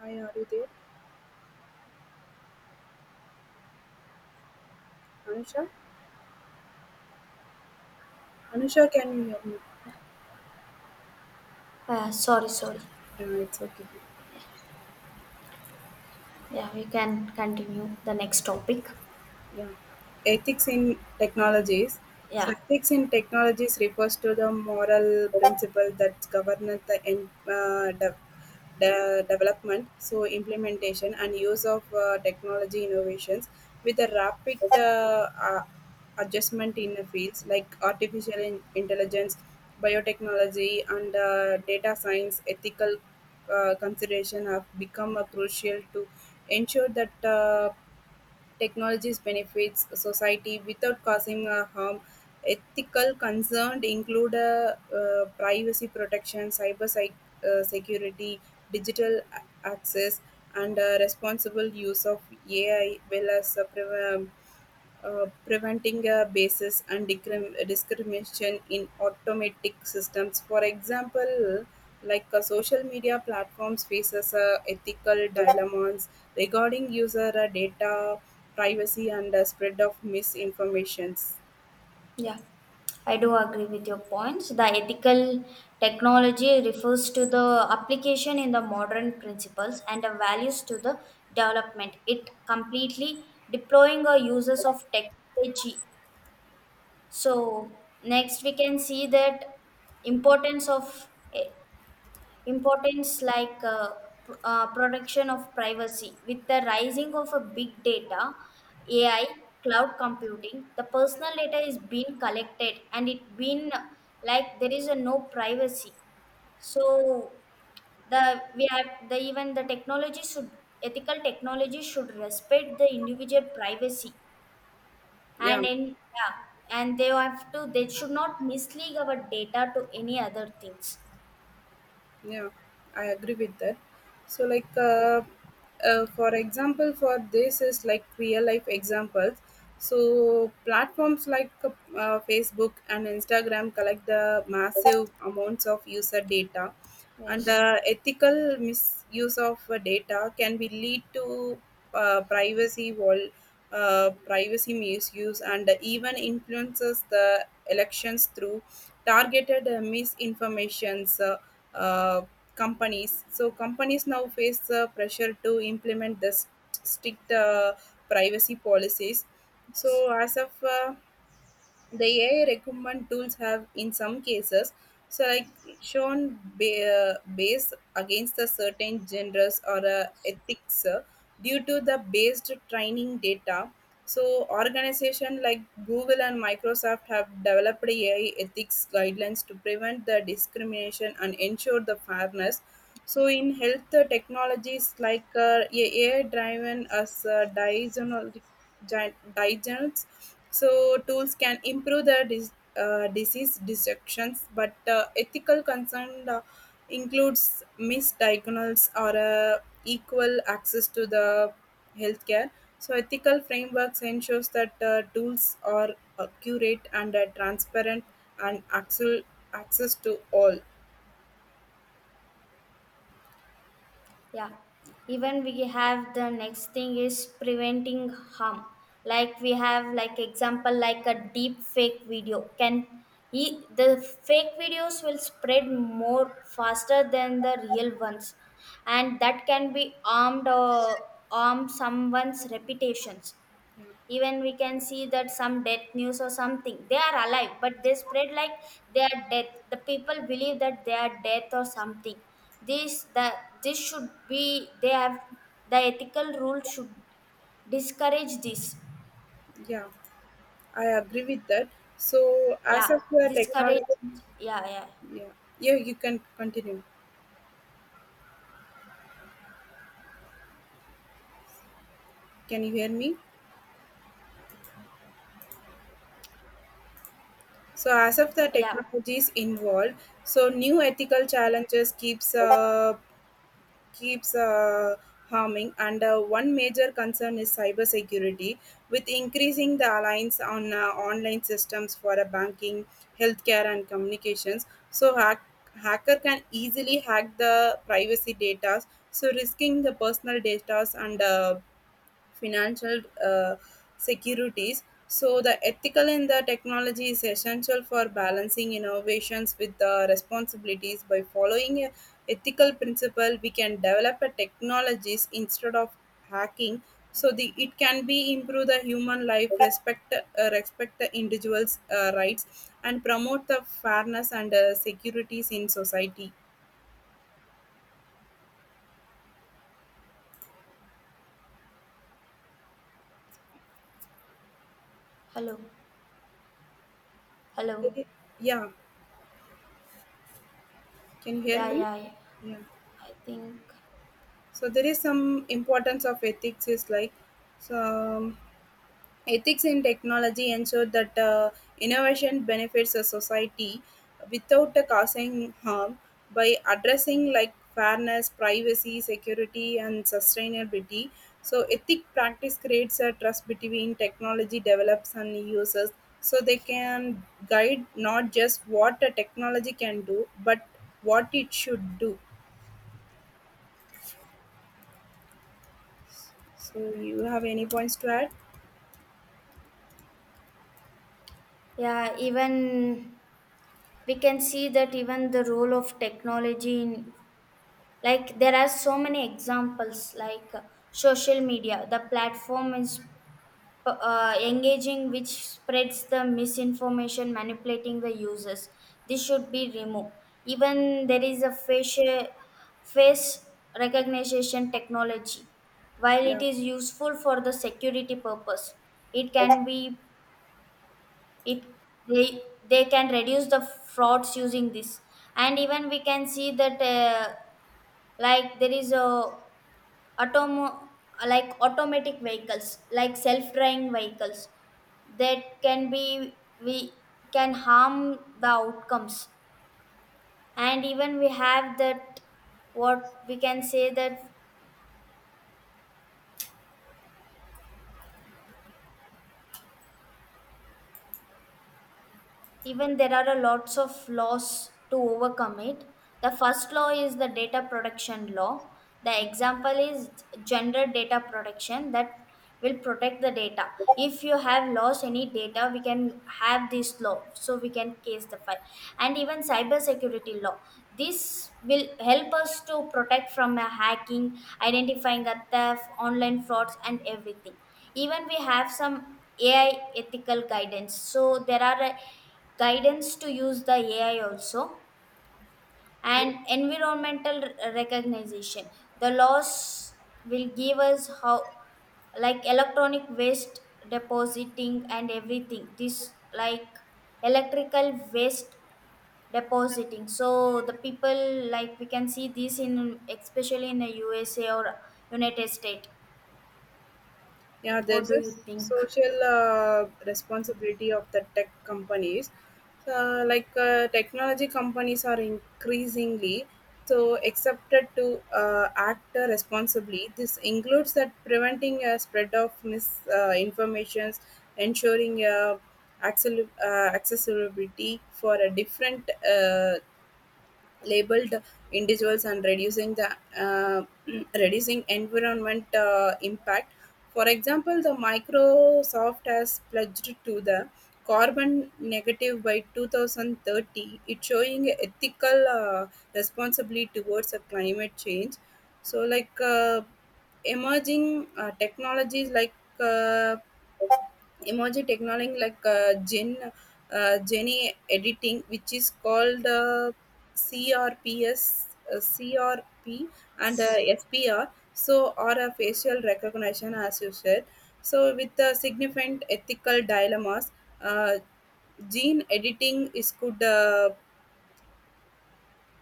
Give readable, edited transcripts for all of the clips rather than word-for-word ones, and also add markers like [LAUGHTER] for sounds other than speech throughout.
Hi, are you there? Anusha? Anusha, can you hear me? Sorry, sorry. No, it's okay. Yeah, yeah, we can continue the next topic. Yeah. Ethics in technologies. Yeah, So, ethics in technologies refers to the moral principle that govern the development, so implementation and use of technology innovations with a rapid adjustment in the fields like artificial intelligence, biotechnology, and data science. Ethical consideration have become crucial to ensure that. Technologies benefits society without causing a harm. Ethical concerns include privacy protection, cyber security, digital access, and responsible use of AI, well as um, preventing basis and discrimination in automatic systems. For example, like social media platforms faces ethical dilemmas regarding user data privacy and spread of misinformations. yeah. I do agree with your points. The ethical technology refers to the application in the modern principles and the values to the development. It completely deploying or uses of technology. So next we can see that importance of e- importance like protection of privacy with the rising of a big data, ai cloud computing, the personal data is being collected and it been, like, there is a no privacy. So the we have, the even the technology should, ethical technology should respect the individual privacy. Yeah. And in, yeah, and they have to, they should not mislead our data to any other things. Yeah, I agree with that. So, like, for example, for this is like real life examples. So, platforms like Facebook and Instagram collect the massive amounts of user data and Yes. Ethical misuse of data can be lead to privacy wall, privacy misuse and even influences the elections through targeted misinformations uh, Companies so companies now face the pressure to implement the strict privacy policies so as of the AI recommend tools have, in some cases, selection based against a certain genres or ethics due to the based training data. So, organizations like Google and Microsoft have developed AI ethics guidelines to prevent the discrimination and ensure the fairness. So, in health technologies like AI driven as diagnostic so tools can improve the disease detections, but ethical concern includes misdiagnosis or equal access to the healthcare. So ethical frameworks ensures that tools are accurate and transparent and actual access to all. Yeah. Even we have the next thing is preventing harm. Like we have, like, example like a deep fake video can, the fake videos will spread more faster than the real ones, and that can be armed or harm someone's reputations. Even we can see that some death news or something, they are alive but they spread like they are death, the people believe that they are death or something. This the this should be, they have the ethical rule should discourage this. Yeah, I agree with that. So as Yeah, of the discourage. technology, Yeah, yeah, yeah, yeah, you can continue. Can you hear me? So as of the yeah, technologies involved, so new ethical yeah. challenges keeps harming, and one major concern is cybersecurity. With increasing the alliance on online systems for banking, healthcare, and communications, so hacker can easily hack the privacy data, so risking the personal data and financial securities. So, the ethical in the technology is essential for balancing innovations with the responsibilities. By following a ethical principle, we can develop a technologies instead of hacking. So, the it can be improve the human life, respect the individuals' rights, and promote the fairness and securities in society. Hello, hello. Yeah, can you hear Yeah, me? yeah, yeah. Yeah. I think, So there is some importance of ethics is like. So ethics in technology ensure that innovation benefits a society without causing harm by addressing like fairness, privacy, security, and sustainability. So ethic practice creates a trust between technology develops and users, so they can guide not just what a technology can do but what it should do. So you have any points to add? yeah, even we can see that even the role of technology in, like, there are so many examples like social media, the platform is engaging which spreads the misinformation manipulating the users. This should be removed. Even there is a facial face recognition technology. While it Yeah. is useful for the security purpose, it can be, it they they can reduce the frauds using this. And even we can see that like there is a automo- like automatic vehicles, like self-driving vehicles, that can be, we can harm the outcomes. And even we have that, what we can say that, even there are a lots of laws to overcome it. The first law is the data protection law. The example is gender data protection, that will protect the data. If you have lost any data, we can have this law so we can case the file. And even cyber security law, this will help us to protect from a hacking, identifying a theft, online frauds, and everything. Even we have some ai ethical guidance, so there are a guidance to use the AI also, and environmental recognition. The laws will give us how, like electronic waste depositing and everything. This, like electrical waste depositing. So the people, like, we can see this in especially in the USA or United States. Yeah, What there's do a you think? social responsibility of the tech companies. So, like technology companies are increasingly so accepted to act responsibly. This includes that preventing a spread of misinformations, ensuring accessibility for a different labeled individuals and reducing the uh, [CLEARS THROAT] reducing environment impact. For example, the Microsoft has pledged to the carbon negative by 2030, it's showing a ethical responsibility towards a climate change. So like emerging uh, technologies like uh, emerging technology like gene editing, which is called CRPS, CRP, and FPR. So, or a facial recognition, as you said. So, with the significant ethical dilemmas, uh, gene editing is could uh,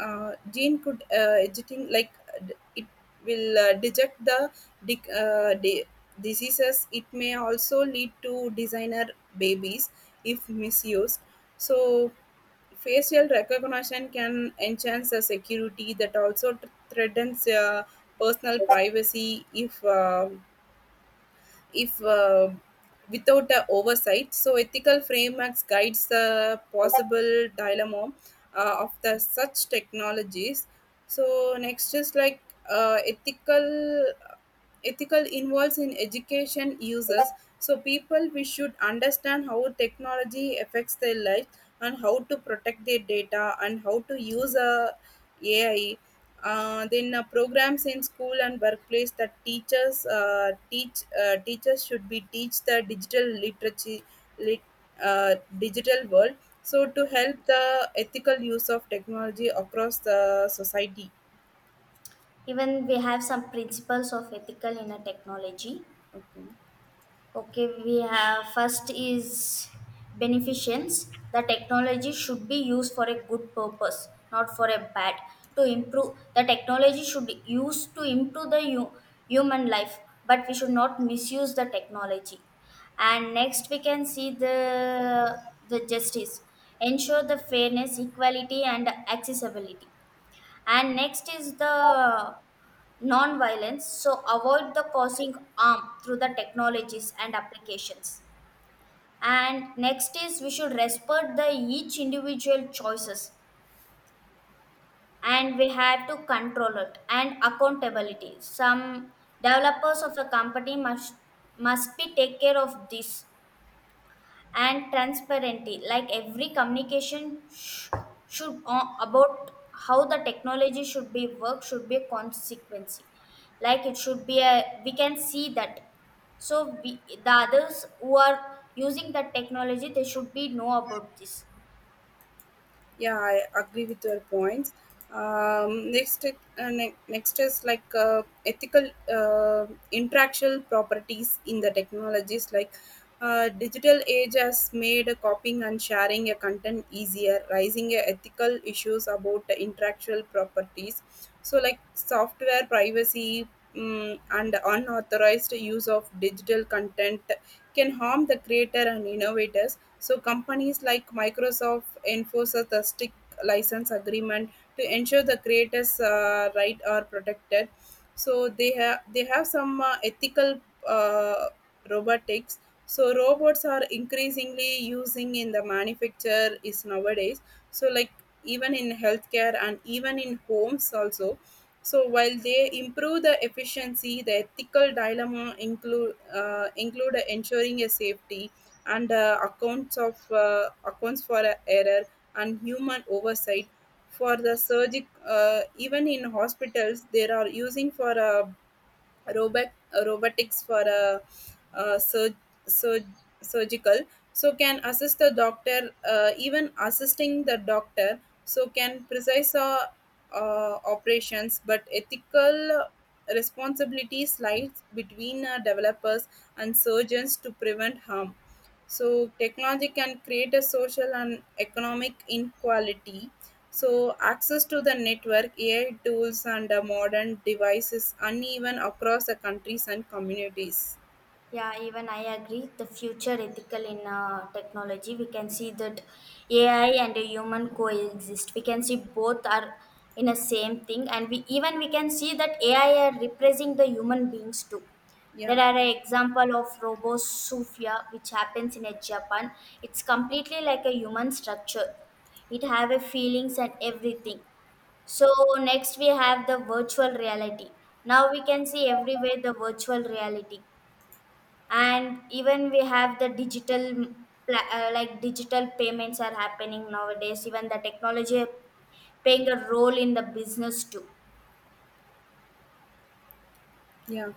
uh, gene could editing like it will detect the dic- uh, di- diseases. It may also lead to designer babies if misused. So facial recognition can enhance the security that also threatens personal privacy if without the oversight. So ethical frameworks guides the possible dilemma of the such technologies. So next is like uh, ethical ethical involves in education uses. So people we should understand how technology affects their life and how to protect their data and how to use a AI, then programs in school and workplace that teachers should be teach the digital lit, digital world so to help the ethical use of technology across the society. Even we have some principles of ethical in a technology. Okay. Okay, we have first is beneficence. The technology should be used for a good purpose, not for a bad. To improve, the technology should be used to improve the human life, but we should not misuse the technology. And next, we can see the justice. Ensure the fairness, equality, and accessibility. And next is the non-violence, so avoid the causing harm through the technologies and applications. And next is, we should respect the each individual choices, and we have to control it and accountability. Some developers of the company must, be take care of this. And transparency, like every communication should about how the technology should be work, should be a consequence. Like it should be, a we can see that, so we, the others who are using that technology, they should be know about this. Yeah, I agree with your points. Next next is like ethical uh, intellectual properties in the technologies. Like digital age has made copying and sharing a content easier, raising a ethical issues about the intellectual properties. So, like software privacy and unauthorized use of digital content can harm the creator and innovators. So companies like Microsoft enforce a the strict license agreement to ensure the creators' right are protected. So they have some ethical uh, robotics. So robots are increasingly using in the manufacture is nowadays. So like even in healthcare and even in homes also. So while they improve the efficiency, the ethical dilemma include ensuring a safety and accounts for error and human oversight for the surgic even in hospitals they are using for robot robotics for uh, sur- sur- surgical so can assisting the doctor so can precise operations but ethical responsibilities lies between developers and surgeons to prevent harm. So technology can create a social and economic inequality. So access to the network, AI tools, and modern devices uneven across the countries and communities. Yeah, even I agree. The future ethical in technology, we can see that AI and a human coexist. We can see both are in a same thing, and we, even we can see that AI are replacing the human beings too. There Yeah, are an example of Robosufia, which happens in a Japan. It's completely like a human structure. It have a feelings and everything. So next we have the virtual reality. Now we can see everywhere the virtual reality. And even we have the digital, mm, like digital payments are happening nowadays. Even the technology playing a role in the business too. yeah.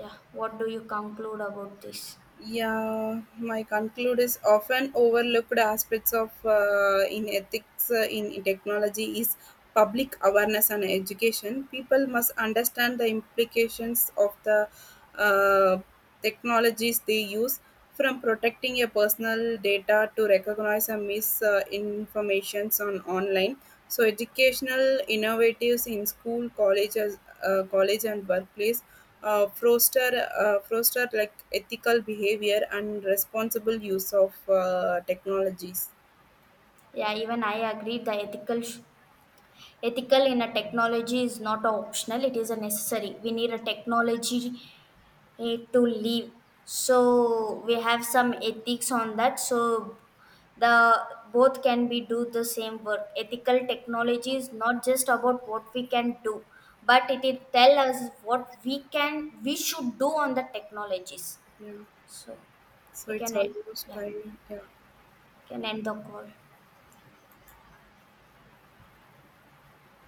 Yeah, what do you conclude about this? Yeah, my conclude is often overlooked aspects of in ethics in technology is public awareness and education. People must understand the implications of the uh, technologies they use, from protecting your personal data to recognize and misinformations informations on online. So, educational innovatives in school, colleges, college and workplace foster like ethical behavior and responsible use of technologies. Yeah, even I agree, the ethical ethical in a technology is not a optional, it is a necessary. We need a technology, to live. So we have some ethics on that. So the both can be do the same work. Ethical technology is not just about what we can do, but it will tell us what we can we should do on the technologies. Yeah, So so we it's can end, almost yeah, time. Yeah. can end the call.